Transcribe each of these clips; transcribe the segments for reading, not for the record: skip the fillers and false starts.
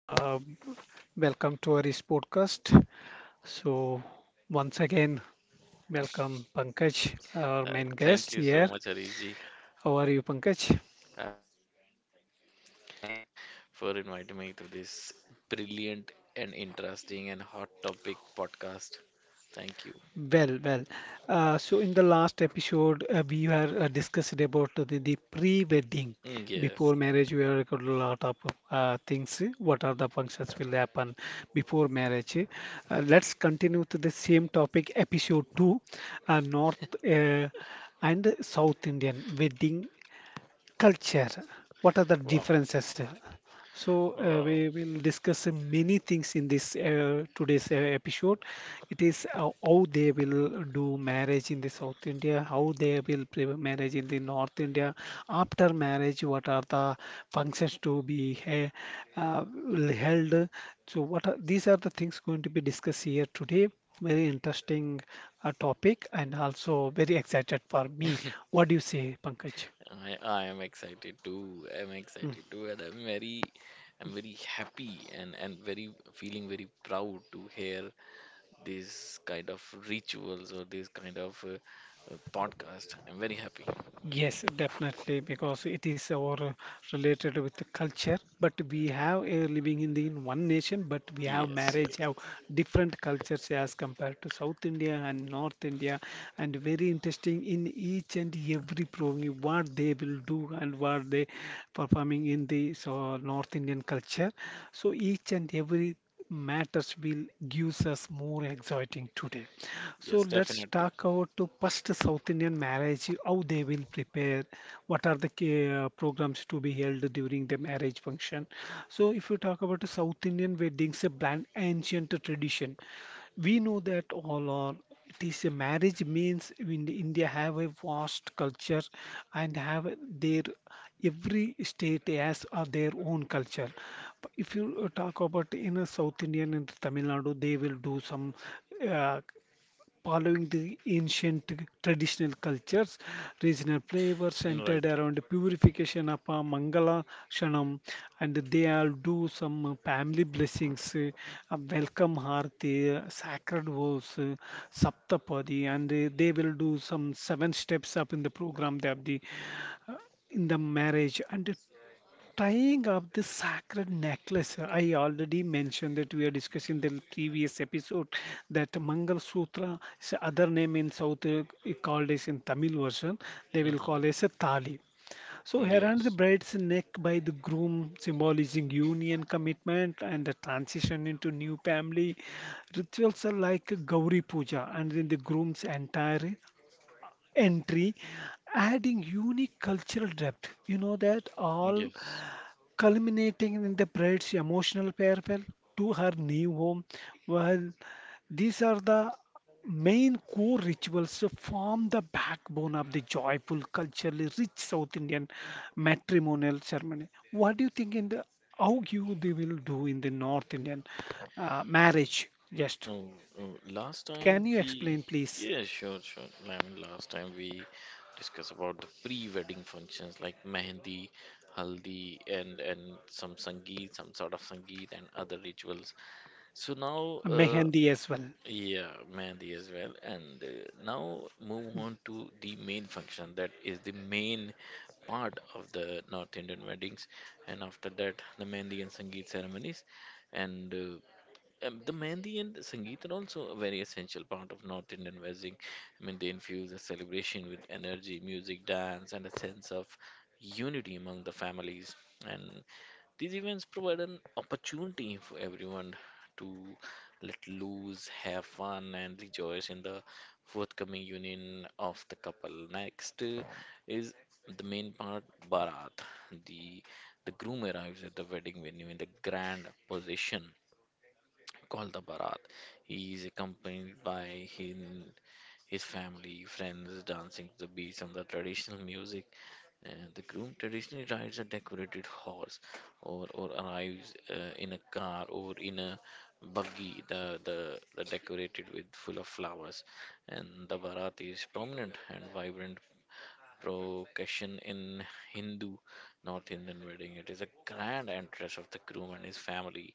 uh, welcome to our podcast. So once again, welcome Pankaj, our Hi, main thank guest you so here. much, Ariji. How are you, Pankaj? I'm good, and thank you once again for inviting me to this brilliant and interesting and hot topic podcast. Thank you. Well, well. So in the last episode, we were discussed about the pre-wedding. Mm, yes. Before marriage, we have got a lot of things. What are the functions will happen before marriage? Eh. Let's continue to the same topic, episode two, North uh, and South Indian wedding culture, what are the Wow. differences? So Wow. We will discuss many things in this today's episode. It is how they will do marriage in the South India, how they will marriage in the North India, after marriage what are the functions to be uh, held. So what are, these are the things going to be discussed here today. Very interesting topic, and also very excited for me. What do you say, Pankaj? I am excited too. I'm Hmm. excited too, and I'm very happy and very feeling very proud to hear this kind of rituals or this kind of podcast. I'm very happy. Yes, definitely, because it is our related with the culture. But we have living in the in one nation, but we have Yes. marriage, Yes. have different cultures as compared to South India and North India, and very interesting in each and every program what they will do and what they performing in the so North Indian culture. So each and every matters will gives us more exciting today. So Yes. let's Definitely. talk about to first South Indian marriage, how they will prepare, what are the programs to be held during the marriage function. So if you talk about the South Indian weddings, a brand ancient tradition, we know that all are it is a marriage means in India have a vast culture and have their every state has their own culture. But if you talk about in a South Indian and Tamil Nadu, they will do some. Uh, Following the ancient traditional cultures, regional flavors centered Right. around purification of Mangala Shanam, and they all do some family blessings, welcome Harthi, sacred vows, Saptapadi, and they will do some seven steps up in the program. They have the in the marriage and tying up the sacred necklace. I already mentioned that we are discussing the previous episode that Mangal Sutra is other name in south, called as in Tamil version they will call Mm-hmm. as a thali, so around the Yes. bride's neck by the groom, symbolizing union commitment and the transition into new family. Rituals are like Gauri Puja and then the groom's entire entry, adding unique cultural depth, you know that all, Yes. culminating in the bride's emotional farewell to her new home. Well, these are the main core rituals to form the backbone of the joyful, culturally rich South Indian matrimonial ceremony. What do you think in the how you they will do in the North Indian marriage? Just Oh, oh, last can time you explain, we, please? yeah, sure, sure. I mean, last time we discussed about the pre-wedding functions like mehendi, haldi, and some sangeet, some sort of sangeet and other rituals. So now, Mehendi as well. yeah, mehendi as well. And now move on to the main function, that is the main part of the North Indian weddings. And after that, the mehendi and sangeet ceremonies and the mehndi and the sangeet are also a very essential part of North Indian wedding. I mean, they infuse the celebration with energy, music, dance, and a sense of unity among the families. And these events provide an opportunity for everyone to let loose, have fun, and rejoice in the forthcoming union of the couple. Next is the main part, Bharat. The the groom arrives at the wedding venue in the grand position called the Barat. He is accompanied by his family, friends, dancing to the beats and the traditional music. And the groom traditionally rides a decorated horse or arrives in a car or in a buggy, the decorated with full of flowers. And the Barat is prominent and vibrant procession in Hindu, North Indian wedding. It is a grand entrance of the groom and his family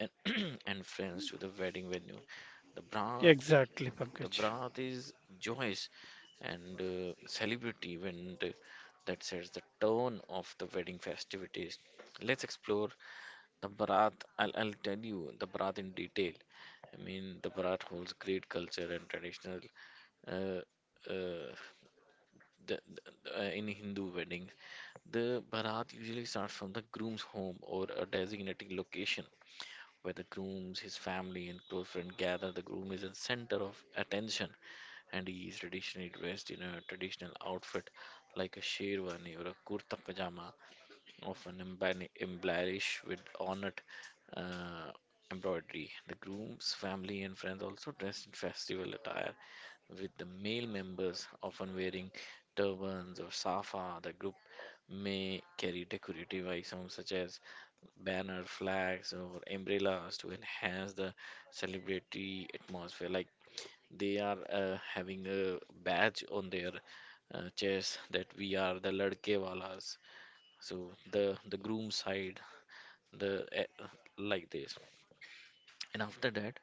and, and friends to the wedding venue. The bra Exactly, the Pankaj. brat is joyous and celebrity event that sets the tone of the wedding festivities. Let's explore the Bharat. I'll tell you the Bharat in detail. I mean, the Bharat holds great culture and traditional uh, uh, the, the, in Hindu weddings. The Bharat usually starts from the groom's home or a designated location where the grooms, his family, and close friend gather. The groom is the center of attention, and he is traditionally dressed in a traditional outfit like a sherwani or a kurta pajama, often embellished with ornate uh, embroidery. The groom's family and friends also dress in festival attire, with the male members often wearing turbans or safa. The group may carry decorative items such as banner, flags, or umbrellas to enhance the celebratory atmosphere. Like they are having a badge on their chest that we are the ladke walas. So the groom side, the like this. And after that,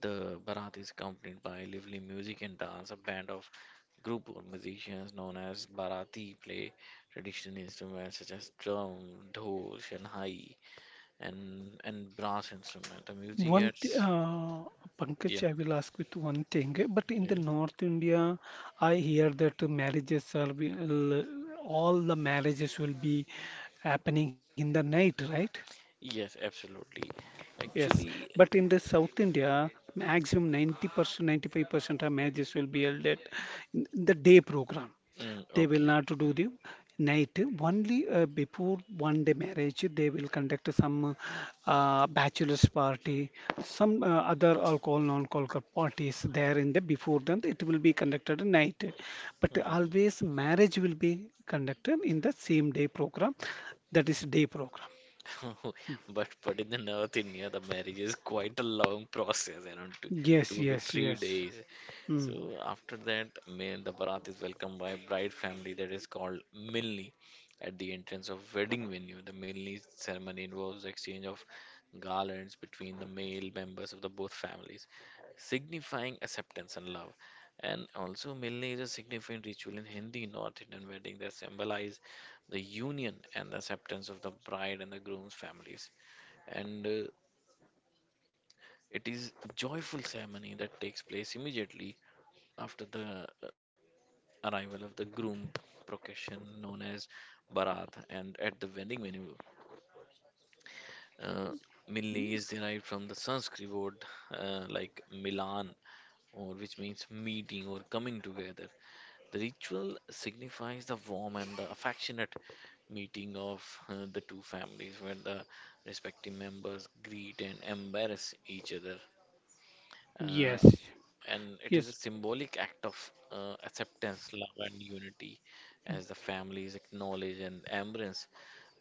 the barat is accompanied by lively music and dance. A band of group or musicians known as barati play traditional instruments such as drum, dhol, shanhai, and brass instrument. The music One th gets yeah, Pankaj, I will ask with one thing. But in the yeah. North India, I hear that the marriages are will all the marriages will be happening in the night, right? Yes, absolutely. Yes, Actually, but in the South India, maximum 90%, 95% of marriages will be held at in the day program. mm, They will okay. not do the night. Only before one day marriage, they will conduct some bachelor's party, some other alcohol, non-alcohol parties there in the before, then it will be conducted at night. But Mm, always marriage will be conducted in the same day program. That is day program. mm. But in the North India, the marriage is quite a long process, Yes, two to yes, three yes. days. Hmm. So after that, the barat is welcomed by bride family that is called milni at the entrance of wedding venue. The milni ceremony involves exchange of garlands between the male members of the both families, signifying acceptance and love. And also, Milne is a significant ritual in Hindi North Indian wedding that symbolize the union and the acceptance of the bride and the groom's families. And it is a joyful ceremony that takes place immediately after the arrival of the groom procession known as Bharat. And at the wedding venue, uh, Milne is derived from the Sanskrit word like Milan, or which means meeting or coming together. The ritual signifies the warm and the affectionate meeting of the two families where the respective members greet and embrace each other. Uh, Yes, and it is a yes, symbolic act of acceptance, love, and unity as the families acknowledge and embrace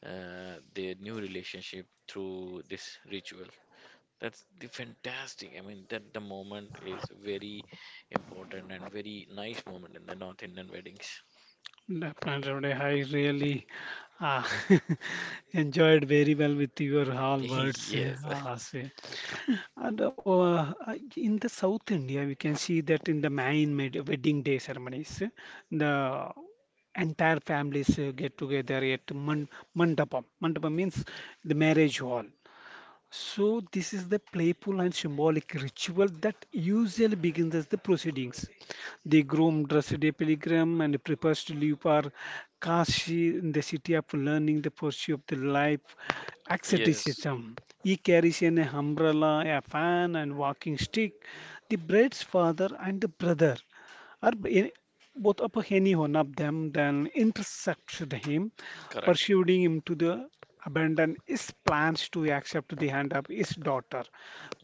their new relationship through this ritual. That's the fantastic. I mean, that the moment is very important and very nice moment in the North Indian weddings. definitely. I really uh, enjoyed very well with your all words. Yes, Say. And in the South India, we can see that in the main wedding day ceremonies, the entire families get together at mandapam. Mandapam means the marriage hall. So, this is the playful and symbolic ritual that usually begins as the proceedings. The groom dresses a pilgrim and prepares to leave for Kashi in the city of learning, the pursuit of the life, yes, asceticism. He carries an umbrella, a fan, and walking stick. The bride's father and the brother are both Apaheni one them then intercepted him, correct. pursued him to the abandon his plans to accept the hand of his daughter,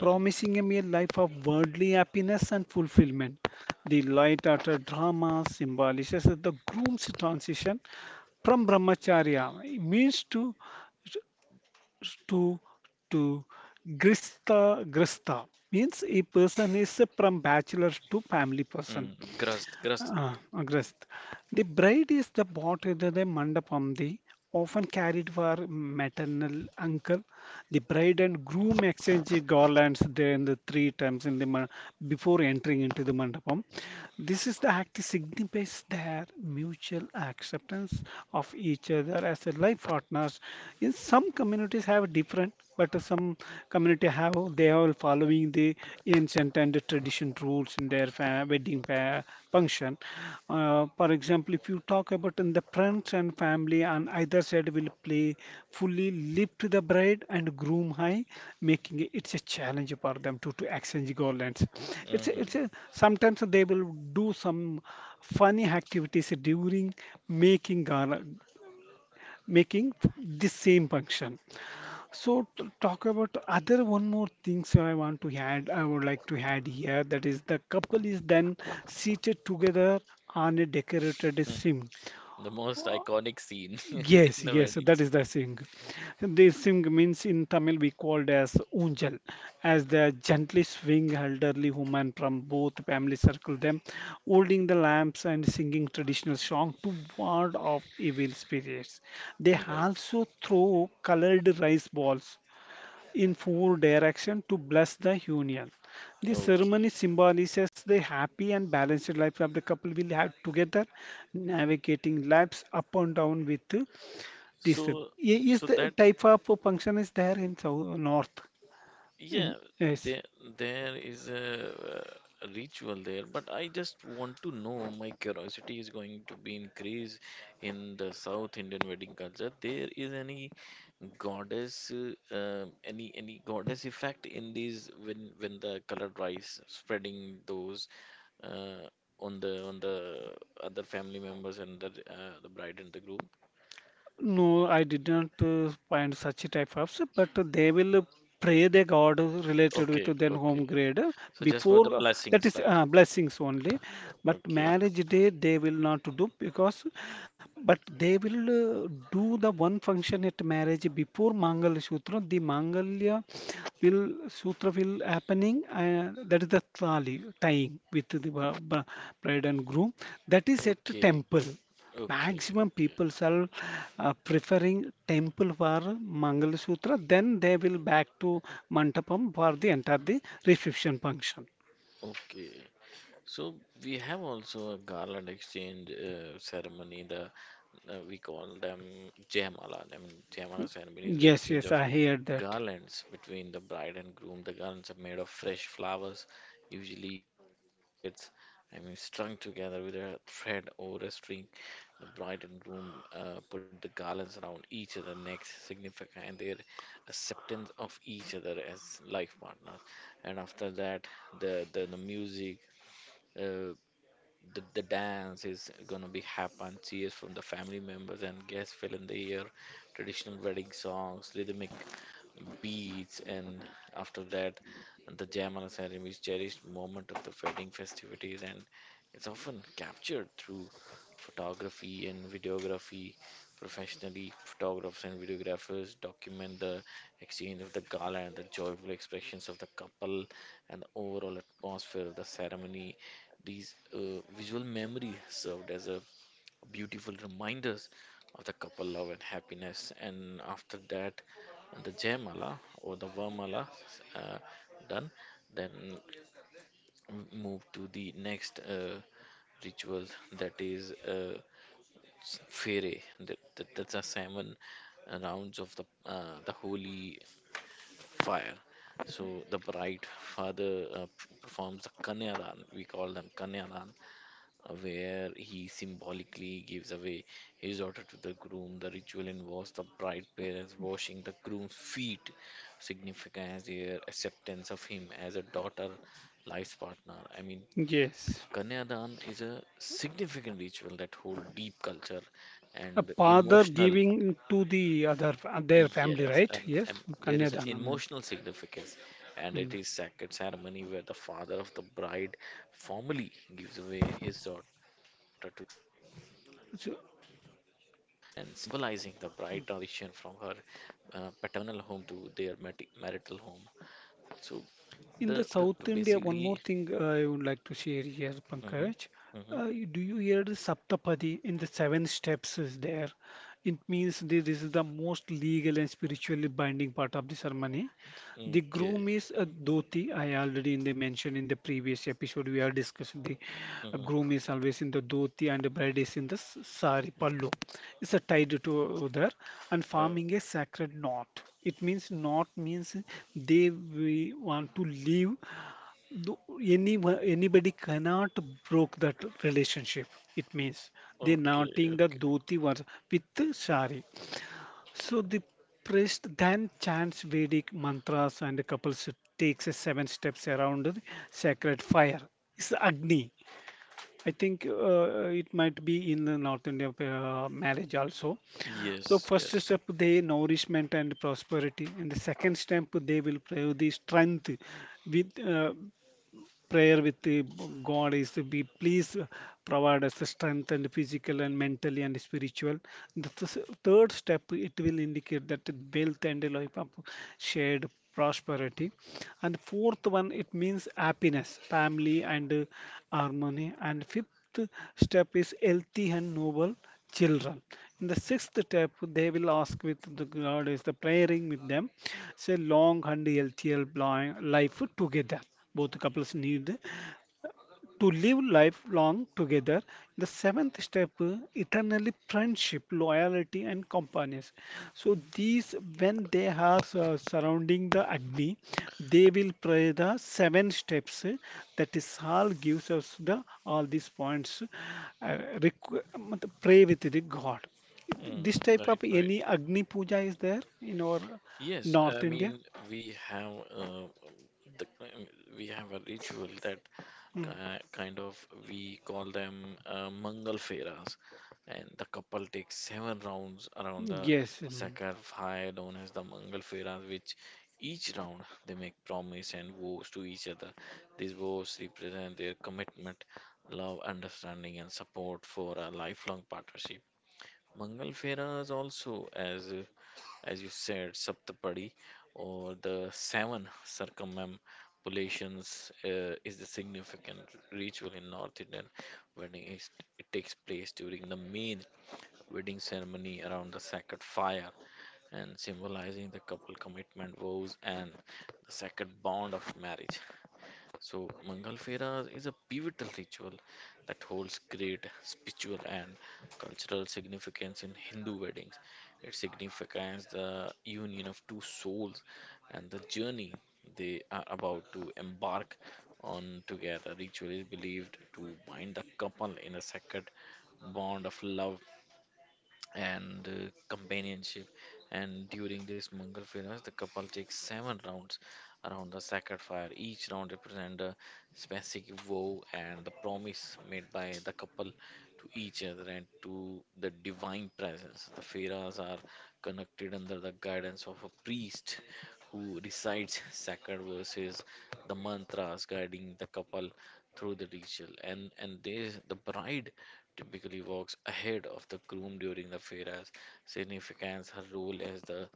Mm, him a life of worldly happiness and fulfillment. The light utter drama symbolizes the groom's transition from brahmacharya means to to grista means a person is from bachelor to family person. mm, Grust, Grust. Ah, Agrest. The bride is the pot with the mandapam, the often carried for maternal uncle. The bride and groom exchange the garlands there in the three times in the before entering into the mandapam. This is the act that signifies their mutual acceptance of each other as a life partners. In some communities have different, but some community have they are following the ancient and the tradition rules in their wedding function. For example, if you talk about in the friends and family on either side will play fully lift the bride and groom high, making it, it's a challenge for them to exchange garlands. It's a, Mhm, it's a, sometimes they will do some funny activities during making garland, making this same function. So to talk about other one more things I want to add, I would like to add here that is the couple is then seated together on a decorated mm. sim. The most iconic scene in Yes, the yes, wedding. that is the sing. This sing means in Tamil we called as unjal, as the gently swing elderly woman from both family circle them, holding the lamps and singing traditional song to ward off evil spirits. They Mm, right. also throw colored rice balls in four direction to bless the union. This ceremony Okay. symbolizes the happy and balanced life of the couple will have together, navigating lives up and down with this. I- So, so Is that, the type of function is there in South North? yeah. In, yes. There, there is a ritual there, but I just want to know. My curiosity is going to be increased in the South Indian wedding culture. There is any goddess effect in these when the colored rice spreading those uh, on the other family members and the bride and the groom. No, I did not find such a type of, but they will pray the God related with Okay, their okay. home grade So just for the before that blessings, is right? Blessings only. But Okay, marriage day they will not do because, but they will do the one function at marriage before Mangal Sutra. The Mangalya will Sutra will happening that is the trali tying with the bride and groom. That is at okay, temple, okay, maximum okay, people are preferring temple for Mangalasutra, then they will back to Mantapam for the entire the reception function. okay. So we have also a garland exchange ceremony. The We call them Jayamala. I mean, Jayamala ceremony is the Yes, exchange yes, of I hear that. garlands between the bride and groom. The garlands are made of fresh flowers, usually roses or orchids. I mean, strung together with a thread or a string. The bride and groom put the garlands around each other's necks, signifying their acceptance of each other as life partners. And after that, the music. Uh, the dance is gonna be happen, cheers from the family members and guests fill in the air, traditional wedding songs, rhythmic beats, and after that the jamana ceremony is cherished moment of the wedding festivities and it's often captured through photography and videography. Professionally photographers and videographers document the exchange of the gala and the joyful expressions of the couple and the overall atmosphere of the ceremony. These visual memory served as a beautiful reminders of the couple love and happiness. And after that, the Jayamala or the Vamala uh, done, then move to the next ritual, that is Fere. That's a seven rounds of the holy fire. So the bride father performs the kanyadan. We call them kanyadan where he symbolically gives away his daughter to the groom. The ritual involves the bride parents washing the groom's feet, signifying their acceptance of him as a daughter, life's partner. I mean, Yes. Kanyadan is a significant ritual that holds deep culture A and father emotional. giving to the other their family, Yes, right? and, Yes, and there is an Kanyadanam. emotional significance, and it Hmm. is sacred ceremony where the father of the bride formally gives away his daughter to the groom, and symbolizing So, the bride transition from her paternal home to their marital home. So the in the basically, South India, one more thing I would like to share here, hmm, Pankaj. hmm, Do you hear the Saptapadi in the seven steps is there? It means this is the most legal and spiritually binding part of the ceremony. The okay, groom is a dhoti. I already in the mention in the previous episode we are discussing the groom hmm, is always in the dhoti and the bride is in the sari pallu. It's a tied to other and forming a okay, sacred knot. It means knot means they we want to leave. Any anybody cannot broke that relationship. It means they okay, knotting the okay. dhoti was with the sari. So the priest then chants Vedic mantras and the couple takes a seven steps around the sacred fire. It's the Agni. I think it might be in the North Indian marriage also. So Yes, first yes. step they nourishment and prosperity, and the second step they will pray the strength with prayer with the God is to be please provide us the strength and physical and mentally and spiritual. The third step it will indicate that wealth and life of shared prosperity, and fourth one it means happiness, family and harmony, and fifth step is healthy and noble children. In the sixth step, they will ask with the God is the praying with them, say long and healthy life together, both couples need to live lifelong together. The seventh step, eternally friendship, loyalty, and companions. So these, when they are surrounding the Agni, they will pray the seven steps. That is all gives us the all these points. Uh, matlab pray with the God. Mm, This type of right. any Agni puja is there in our Yes, North I India. mean we have the we have a ritual that Mm, kind of we call them Mangal Feras, and the couple takes seven rounds around the yes. Mm. sacred fire known as the Mangal Feras, which each round they make promise and vows to each other. These vows represent their commitment, love, understanding, and support for a lifelong partnership. Mangal Feras also as you said, Saptapadi or the seven circumambulations is the significant ritual in North Indian wedding. It takes place during the main wedding ceremony around the sacred fire and symbolizing the couple commitment vows and the sacred bond of marriage. So, Mangalfera is a pivotal ritual that holds great spiritual and cultural significance in Hindu weddings. It signifies the union of two souls and the journey they are about to embark on together. Ritual is believed to bind the couple in a sacred bond of love and companionship. And during this Mangal Firas, the couple takes seven rounds around the sacred fire. Each round represents a specific vow and the promise made by the couple to each other and to the divine presence. The Firas are conducted under the guidance of a priest who recites sacred verses, the mantras guiding the couple through the ritual. And they, the bride typically walks ahead of the groom during the fairas, significance her role as the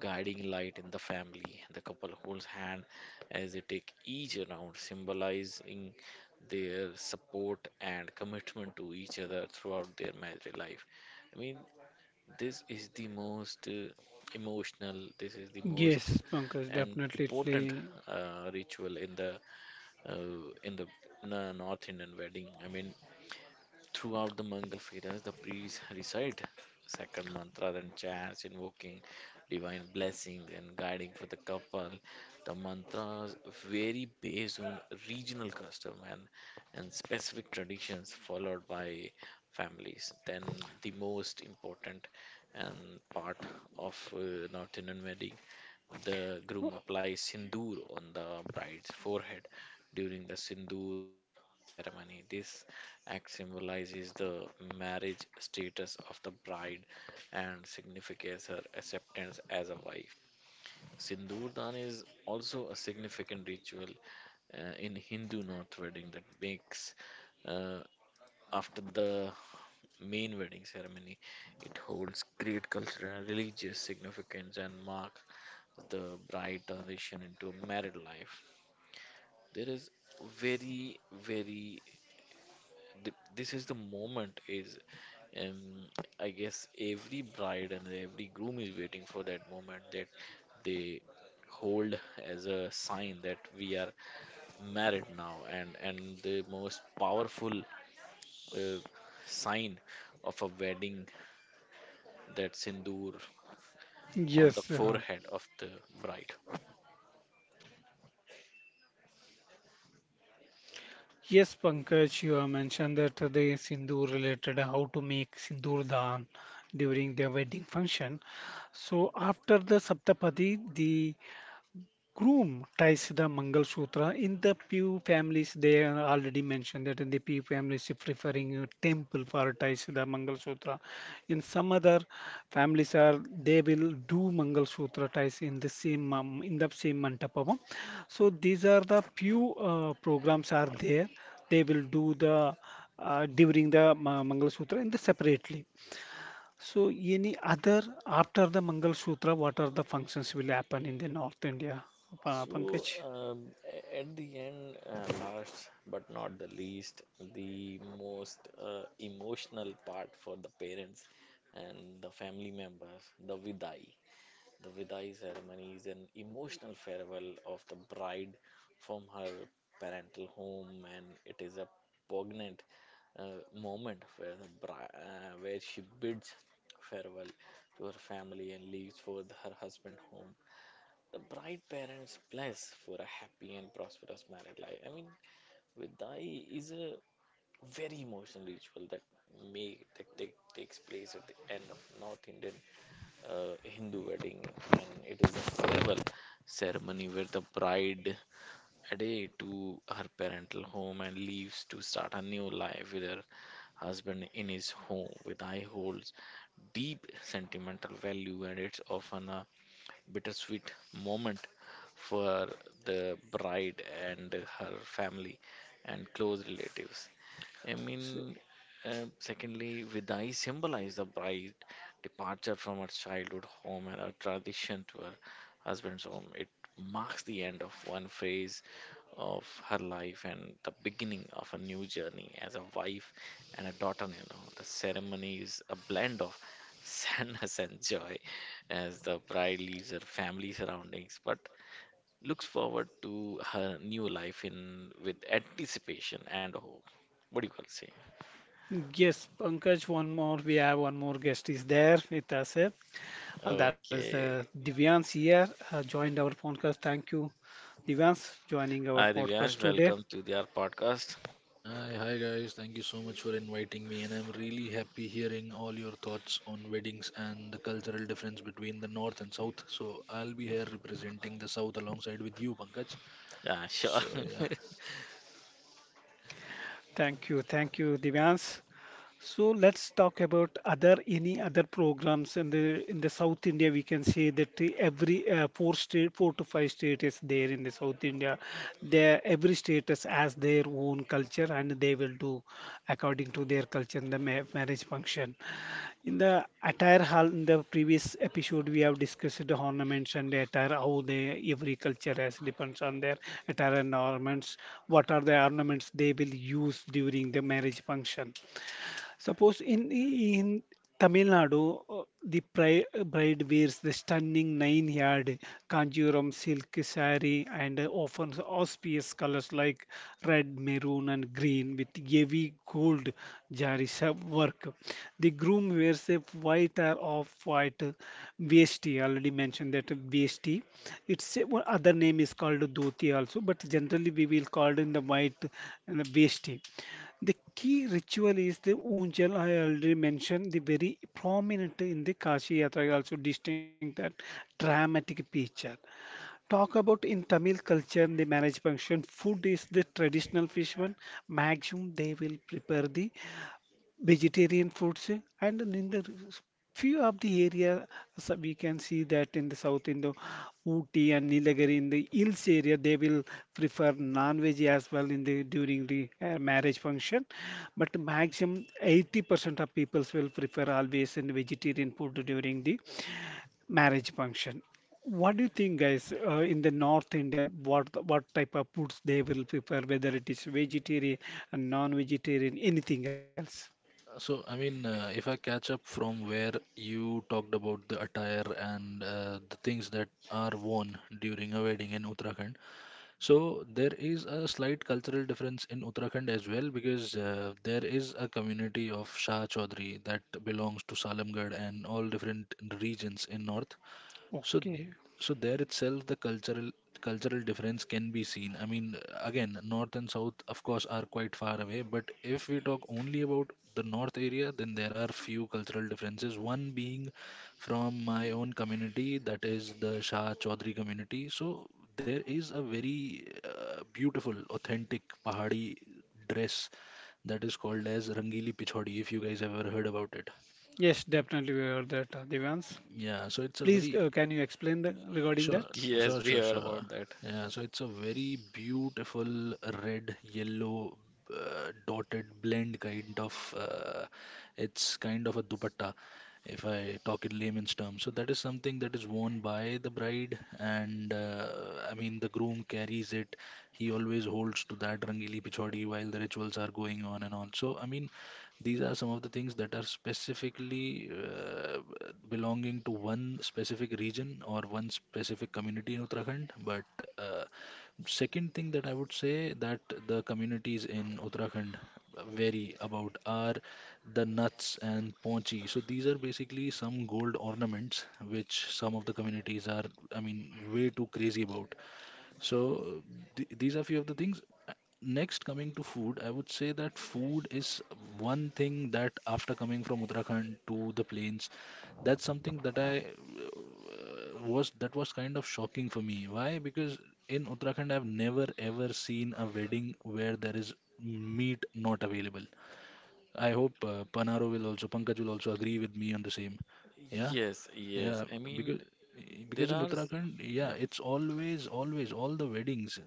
guiding light in the family. The couple holds hand as they take each round, symbolizing their support and commitment to each other throughout their married life. I mean, this is the most emotional, this is the most Yes, Pankaj, and important definitely. Ritual in the uh, in the North Indian wedding. I mean, throughout the Mangal Fedas, the priests recite sacred mantras and chants invoking divine blessings and guiding for the couple. The mantras vary based on regional custom and specific traditions followed by families. Then the most important and part of North Indian wedding, the groom applies sindoor on the bride's forehead during the sindoor dan ceremony. This Axe symbolizes the marriage status of the bride and signifies her acceptance as a wife. Sindurdan is also a significant ritual in Hindu North wedding that makes uh, after the main wedding ceremony. It holds great cultural and religious significance and marks the bride transition into a married life. There is very, very th- this is the moment is Um, I guess every bride and every groom is waiting for that moment that they hold as a sign that we are married now, and the most powerful uh, sign of a wedding that sindoor on the Yes, forehead of the bride. yes, Pankaj, you have mentioned that the sindoor related how to make sindoor dan during the wedding function. So after the Saptapadi, the groom ties the Mangal Sutra in the Pew families. They are already mentioned that in the Pew families, if referring a temple for ties the Mangal Sutra. In some other families, are they will do Mangal Sutra ties in the same mantapam. So these are the Pew programs are there. They will do the during the Mangal Sutra in the separately. So, any other after the Mangal Sutra, what are the functions will happen in the North India, So, Pankaj? At the end, last but not the least, the most emotional part for the parents and the family members, the vidai. The vidai ceremony is an emotional farewell of the bride from her parental home, and it is a poignant moment where where she bids farewell to her family and leaves for her husband home. The bright parents bless for a happy and prosperous married life. I mean, Vidai is a very emotional ritual that takes place at the end of North Indian Hindu wedding, and it is a farewell ceremony where the bride adhere to her parental home and leaves to start a new life with her husband in his home. Vidai holds deep sentimental value, and it's often a bittersweet moment for the bride and her family and close relatives. I So, mean, secondly, Vidai symbolizes the bride departure from her childhood home and her transition to her husband's home. It marks the end of one phase of her life and the beginning of a new journey as a wife and a daughter-in-law. The ceremony is a blend of sadness and joy, as the bride leaves her family surroundings but looks forward to her new life in with anticipation and hope. What do you call say? yes, Pankaj, one more. We have one more guest is there with us, eh? That is Okay. Divyans here, joined our podcast. Thank you, Divyans, joining our Hi podcast Divyansh, today. welcome to the our podcast. Hi, hi guys. Thank you so much for inviting me, and I'm really happy hearing all your thoughts on weddings and the cultural difference between the north and south. So I'll be here representing the south alongside with you, Pankaj. Yeah, sure. So yeah. Thank you, Divyansh. So let's talk about other any other programs in the South India. We can say that every four state, four to five state is there in the South India. There, every state is, has their own culture, and they will do according to their culture in the ma marriage function. In the attire hall, in the previous episode, we have discussed the ornaments and the attire, how they every culture has depends on their attire and ornaments. What are the ornaments they will use during the marriage function? Suppose in Tamil Nadu, the pri bride wears the stunning nine-yard Kanjivaram silk saree and often auspicious colors like red, maroon, and green with heavy gold jari work. The groom wears a white or off-white vesti. Already mentioned that vesti. It's one other name is called dhoti also, but generally we will call it in the white and the vesti. The key ritual is the Unjal. I already mentioned the very prominent in the Kashi Yatra. I also distinct that dramatic picture. Talk about in Tamil culture the marriage function. Food is the traditional fish one. Maximum they will prepare the vegetarian foods and then in the few of the area, so we can see that in the south in the Ooty and Nilagiri in the hills area they will prefer non-veg as well in the during the marriage function, but maximum 80% of peoples will prefer always in vegetarian food during the marriage function. What do you think, guys? In the north india, what type of foods they will prefer, whether it is vegetarian and non-vegetarian, anything else? So if I catch up from where you talked about the attire and the things that are worn during a wedding in Uttarakhand. So there is a slight cultural difference in Uttarakhand as well because there is a community of Shah Chaudhary that belongs to Salamgarh and all different regions in north. So, Okay. so there itself, the cultural difference can be seen. I mean, again, north and south, of course, are quite far away. But if we talk only about the north area, then there are few cultural differences. One being from my own community, that is the Shah Chaudhary community. So there is a very beautiful, authentic Pahari dress that is called as Rangili Pichodi, if you guys ever heard about it. Yes, definitely we heard that, Devans. Yeah, so it's a Please, very can you explain the, regarding that? Sure, sure, Yes, we sure, heard sure. about that. Yeah, so it's a very beautiful red, yellow, dotted blend kind of. It's kind of a dupatta, if I talk in layman's terms. So that is something that is worn by the bride, and I mean the groom carries it. He always holds to that rangili pichodi while the rituals are going on and on. So I mean, these are some of the things that are specifically belonging to one specific region or one specific community in Uttarakhand. But uh, Second thing that I would say that the communities in Uttarakhand vary about are the nuts and ponchi. So these are basically some gold ornaments which some of the communities are, I mean, way too crazy about. So th these are few of the things. Uh, Next, coming to food, I would say that food is one thing that after coming from Uttarakhand to the plains, that's something that I was that was kind of shocking for me. Why? Because in Uttarakhand, I've never ever seen a wedding where there is meat not available. I hope Panaro will also, Pankaj will also agree with me on the same. Yeah, Yes, yes. yeah, I because mean there in are Uttarakhand, yeah, it's always, always all the weddings.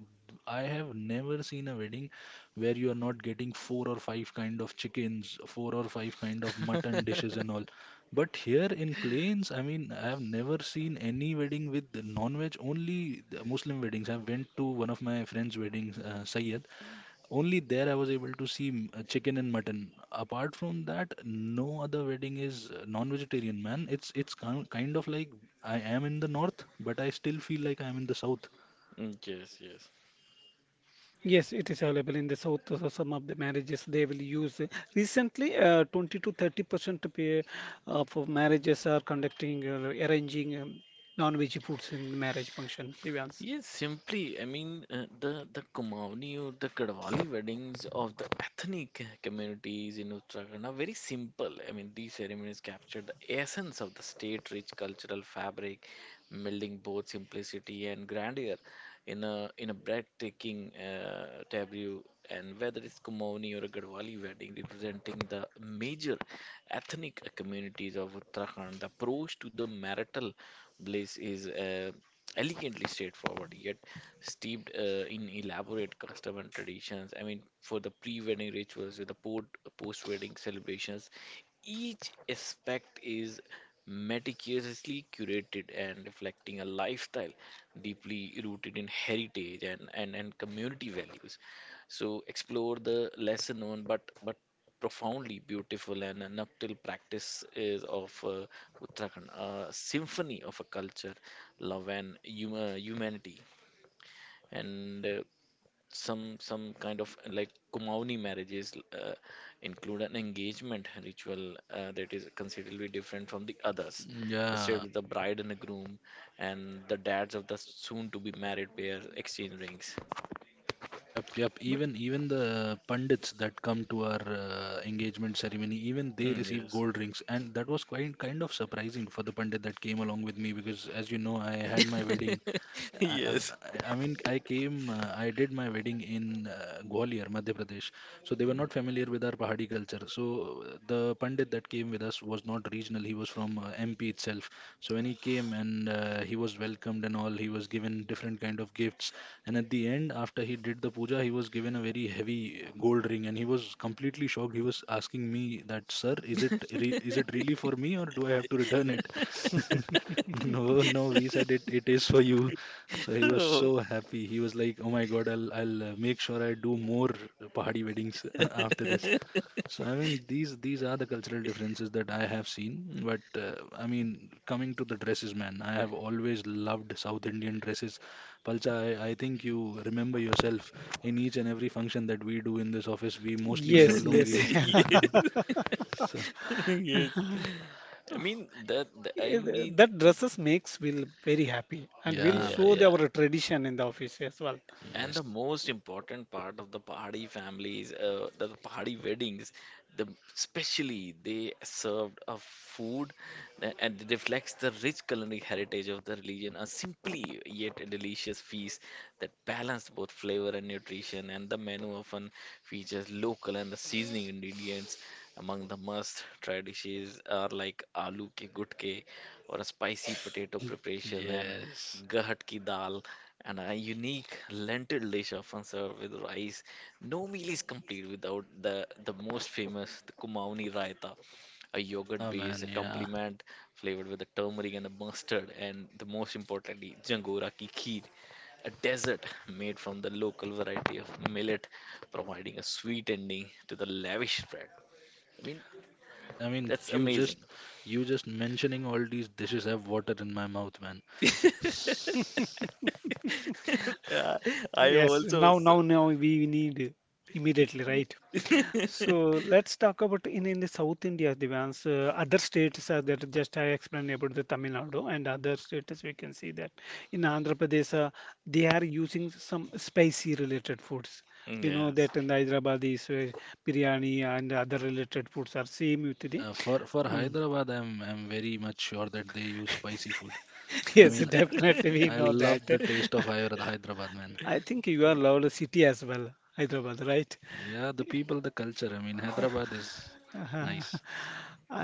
I have never seen a wedding where you are not getting four or five kind of chickens, four or five kind of mutton yeah. dishes and all. But here in Plains, I mean, I have never seen any wedding with non-veg, only the Muslim weddings. I went to one of my friend's weddings, Sayyed. Only there I was able to see chicken and mutton. Apart from that, no other wedding is non-vegetarian, man. It's kind kind of like I am in the north, but I still feel like I'm in the south. Yes, yes. Yes, it is available in the south. So some of the marriages they will use. Recently, 20 to 30% of marriages are conducting arranging non-veg foods in marriage function, Devans. Yes, simply. I mean, the Kumaoni or the Kadwali weddings of the ethnic communities in Uttarakhand are very simple. I mean, these ceremonies capture the essence of the state-rich cultural fabric, melding both simplicity and grandeur in a breathtaking tableau. And whether it's Kumaoni or a Gadwali wedding representing the major ethnic communities of Uttarakhand, the approach to the marital bliss is. Elegantly straightforward, yet steeped in elaborate custom and traditions. I mean, for the pre-wedding rituals, post-wedding celebrations, each aspect is meticulously curated and reflecting a lifestyle deeply rooted in heritage and community values. So explore the lesser known but profoundly beautiful and a nuptial practice is of Uttarakhand, a symphony of a culture, love and humanity, and some kind of like Kumauni marriages uh, include an engagement ritual that is considerably different from the others. Instead Yeah, of the bride and the groom and the dads of the soon-to-be married pair exchange rings. yep. But Even the pundits that come to our engagement ceremony, even they Mm, receive yes. gold rings, and that was quite kind of surprising for the pundit that came along with me because, as you know, I had my wedding. I, I, Yes. I I mean, I came, I did my wedding in Gwalior, Madhya Pradesh. So they were Mm. not familiar with our Pahadi culture. So the Pandit that came with us was not regional, he was from MP itself. So when he came and he was welcomed and all, he was given different kind of gifts. And at the end, after he did the puja, he was given a very heavy gold ring and he was completely shocked. He was asking me that, sir, is it really for me or do I have to return it? No, no, we said it, it is for you. So he was so happy. He was like, "Oh my God, I'll make sure I do more pahari weddings after this." Oh. So I mean, these are the cultural differences that I have seen. But I mean, coming to the dresses, man, I have always loved South Indian dresses. Palcha, I think you remember yourself in each and every function that we do in this office. We mostly wear yes, yes. lungis. Yes. So Yes. I mean I Yeah, th- mean that dresses makes will very happy and will yeah, yeah show man. the, yeah. our tradition in the office as well. And Yes. the most important part of the party families, the party weddings, the especially they served a food that and it reflects the rich culinary heritage of the religion. A simply yet a delicious feast that balanced both flavor and nutrition. And the menu often features local and the seasoning ingredients. Among the must-try dishes are like aloo ke gutke or a spicy potato preparation and Yes. gahat ki dal and a unique lentil dish often served with rice. No meal is complete without the most famous, the Kumaoni Raita, a yogurt Yeah, base, a man. Yeah. complement flavored with the turmeric and the mustard, and the most importantly, Jangora ki kheer, a dessert made from the local variety of millet, providing a sweet ending to the lavish spread. I mean, I mean, I mean, that's you amazing. just, you just mentioning all these dishes have water in my mouth, man. Yeah, I am Yes, also now now now we need immediately, right? So let's talk about in the South India, Devans. Other states are that just I explained about the Tamil Nadu and other states we can see that in Andhra Pradesh they are using some spicy related foods. You know Yes. that in Hyderabad is biryani and other related foods are same with the. Yeah, for Um, Hyderabad, I'm very much sure that they use spicy food. I yes, mean, definitely we I know that. love the taste of Hyderabad, man. I think you are loved city as well, Hyderabad, right? Yeah, the people, the culture. I mean, Hyderabad is Uh-huh. nice.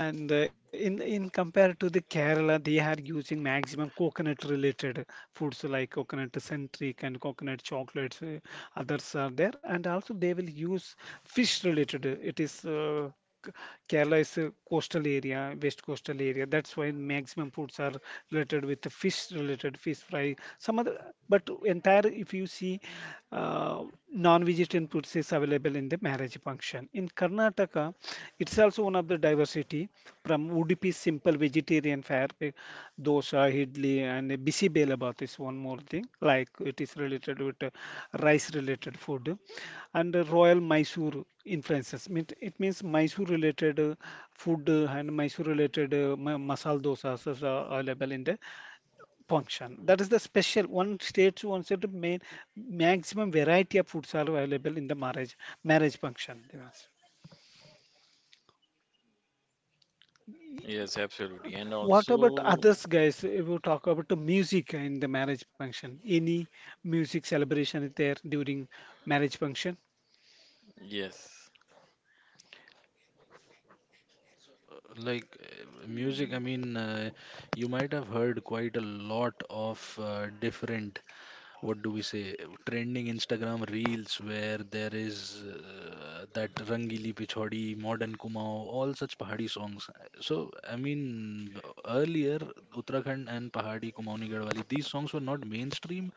And in compared to the Kerala, they are using maximum coconut related foods like coconut centric and coconut chocolates. Others are there, and also they will use fish related. It is K- Kerala is a coastal area, west coastal area. That's why maximum foods are related with the fish related fish fry. Some other, but entire if you see. Uh, uh, Non-vegetarian foods is available in the marriage function. In Karnataka, it's also one of the diversity from Udupi simple vegetarian fare, eh, dosa, idli, and a bisi belabath is one more thing. Like it is related with rice-related food, and Royal Mysore influences. Mean- It means Mysore-related food and Mysore-related masala dosas is available in the function. That is the special one states wants to main maximum variety of foods are available in the marriage function. Devas. Yes, absolutely. And What about also, others, guys? If we talk about the music in the marriage function, any music celebration is there during marriage function? yes. So, music, I mean, you might have heard quite a lot of different what do we say trending Instagram reels where there is that Rangili Pichhodi, Modern Kumao, all such Pahadi songs. So I mean earlier Uttarakhand and Pahadi Kumaoni Garhwali these songs were not mainstream,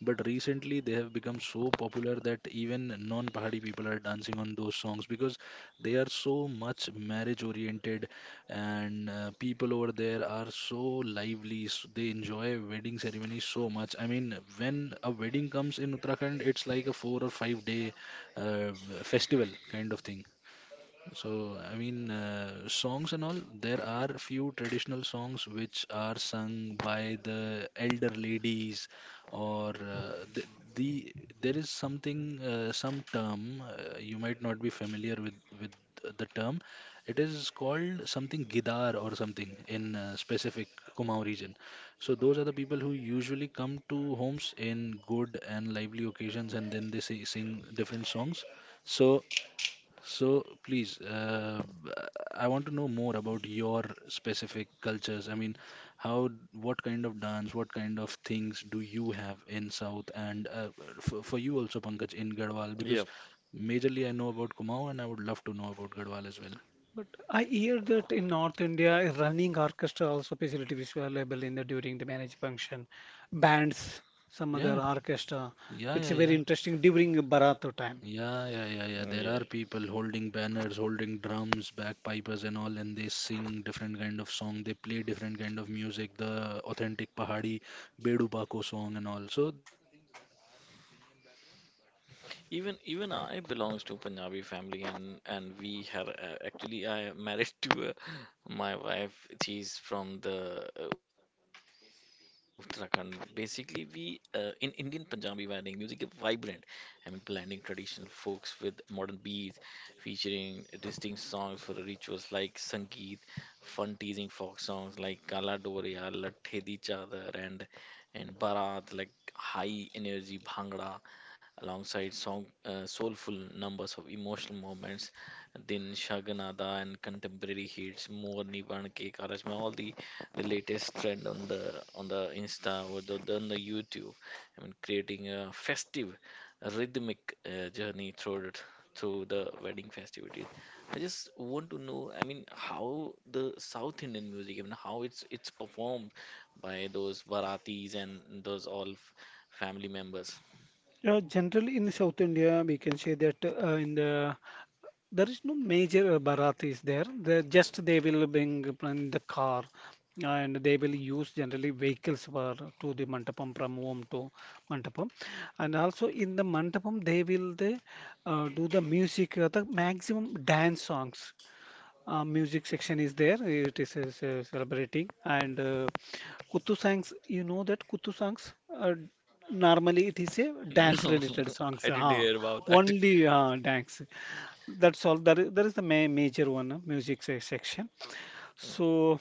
but recently they have become so popular that even non-Pahadi people are dancing on those songs because they are so much marriage oriented and people over there are so lively s they enjoy wedding ceremonies so much. I mean when a wedding comes in uttarakhand it's like a 4 or 5 day uh, festival kind of thing. So, I mean, songs and all, there are few traditional songs which are sung by the elder ladies, or the there is something, some term you might not be familiar with with the term. It is called something gidar or something in specific Kumaon region. So those are the people who usually come to homes in good and lively occasions, and then they say, sing different songs. So. So please, I want to know more about your specific cultures. I mean, how, what kind of dance, what kind of things do you have in South and for you also, Pankaj, in Garhwal? Because Yep. majorly I know about Kumaon and I would love to know about Garhwal as well. But I hear that in North India, a running orchestra also facility is available in the during the marriage function, bands, some Yeah, other orchestra. yeah, It's yeah, a yeah. very interesting during Barato time. Yeah, yeah, yeah, yeah. There Yeah. are people holding banners, holding drums, bagpipers and all, and they sing different kind of song. They play different kind of music, the authentic Pahari Bedu Bako song and all. So these are the things that are playing in background, but Even even I majorly we belongs do to have Punjabi guitars. family and we have actually I am married to my wife. She's from the Uttarakhand. Basically, we in Indian Punjabi wedding music is vibrant. I mean, blending traditional folks with modern beats, featuring distinct songs for the rituals like Sangeet, fun teasing folk songs like Kala Doria, Latte Di Chadar, and Bharat like high energy Bhangra alongside song, soulful numbers of emotional moments, Din Shaganada and contemporary hits, Morni Banke Karaj, all the latest trend on the Insta or on the YouTube. I mean, creating a festive, rhythmic journey through it, through the wedding festivities. I just want to know, I mean, how the South Indian music, I mean, how it's performed by those Baratis and those all family members. Generally in South India, we can say that in the there is no major Bharat is there. They just they will bring in the car, and they will use generally vehicles for to the mandapam from home to mandapam, and also in the mandapam they will they do the music, the maximum dance songs music section is there. It is celebrating and Kutu songs. You know that Kutu songs. Normally, it is a No, dance-related songs. I didn't Huh? hear about that. Only dance. That's all. That is the ma major one, music section. So.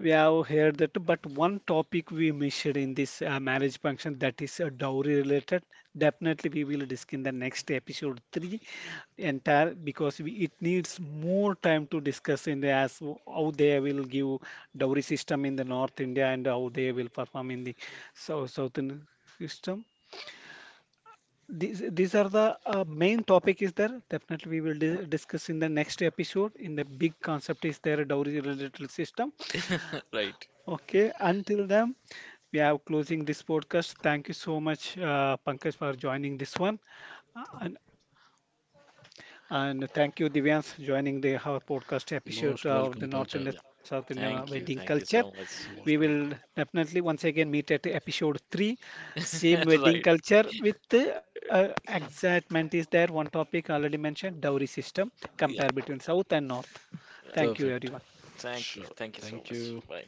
We have heard that, but one topic we mentioned in this marriage function, that is dowry related. Definitely, we will discuss in the next episode three entire because we, it needs more time to discuss in the as how they will give dowry system in the North India and how they will perform in the South South Indian system. These are the main topic is there. Definitely, we will di discuss in the next episode. In the big concept is there dowry related system. Right. Okay, until then, we are closing this podcast. Thank you so much, Pankaj, for joining this one. Uh, And, and thank you, Divyans, joining the our podcast episode of the North India Yeah. South India wedding Thank you. culture. Thank you so much. We will definitely once again meet at episode three, same wedding Right. culture with excitement is there. One topic already mentioned, dowry system, compare Yeah. between South and North. Yeah. Thank you, everyone. Thank you. Thank you so much. Bye.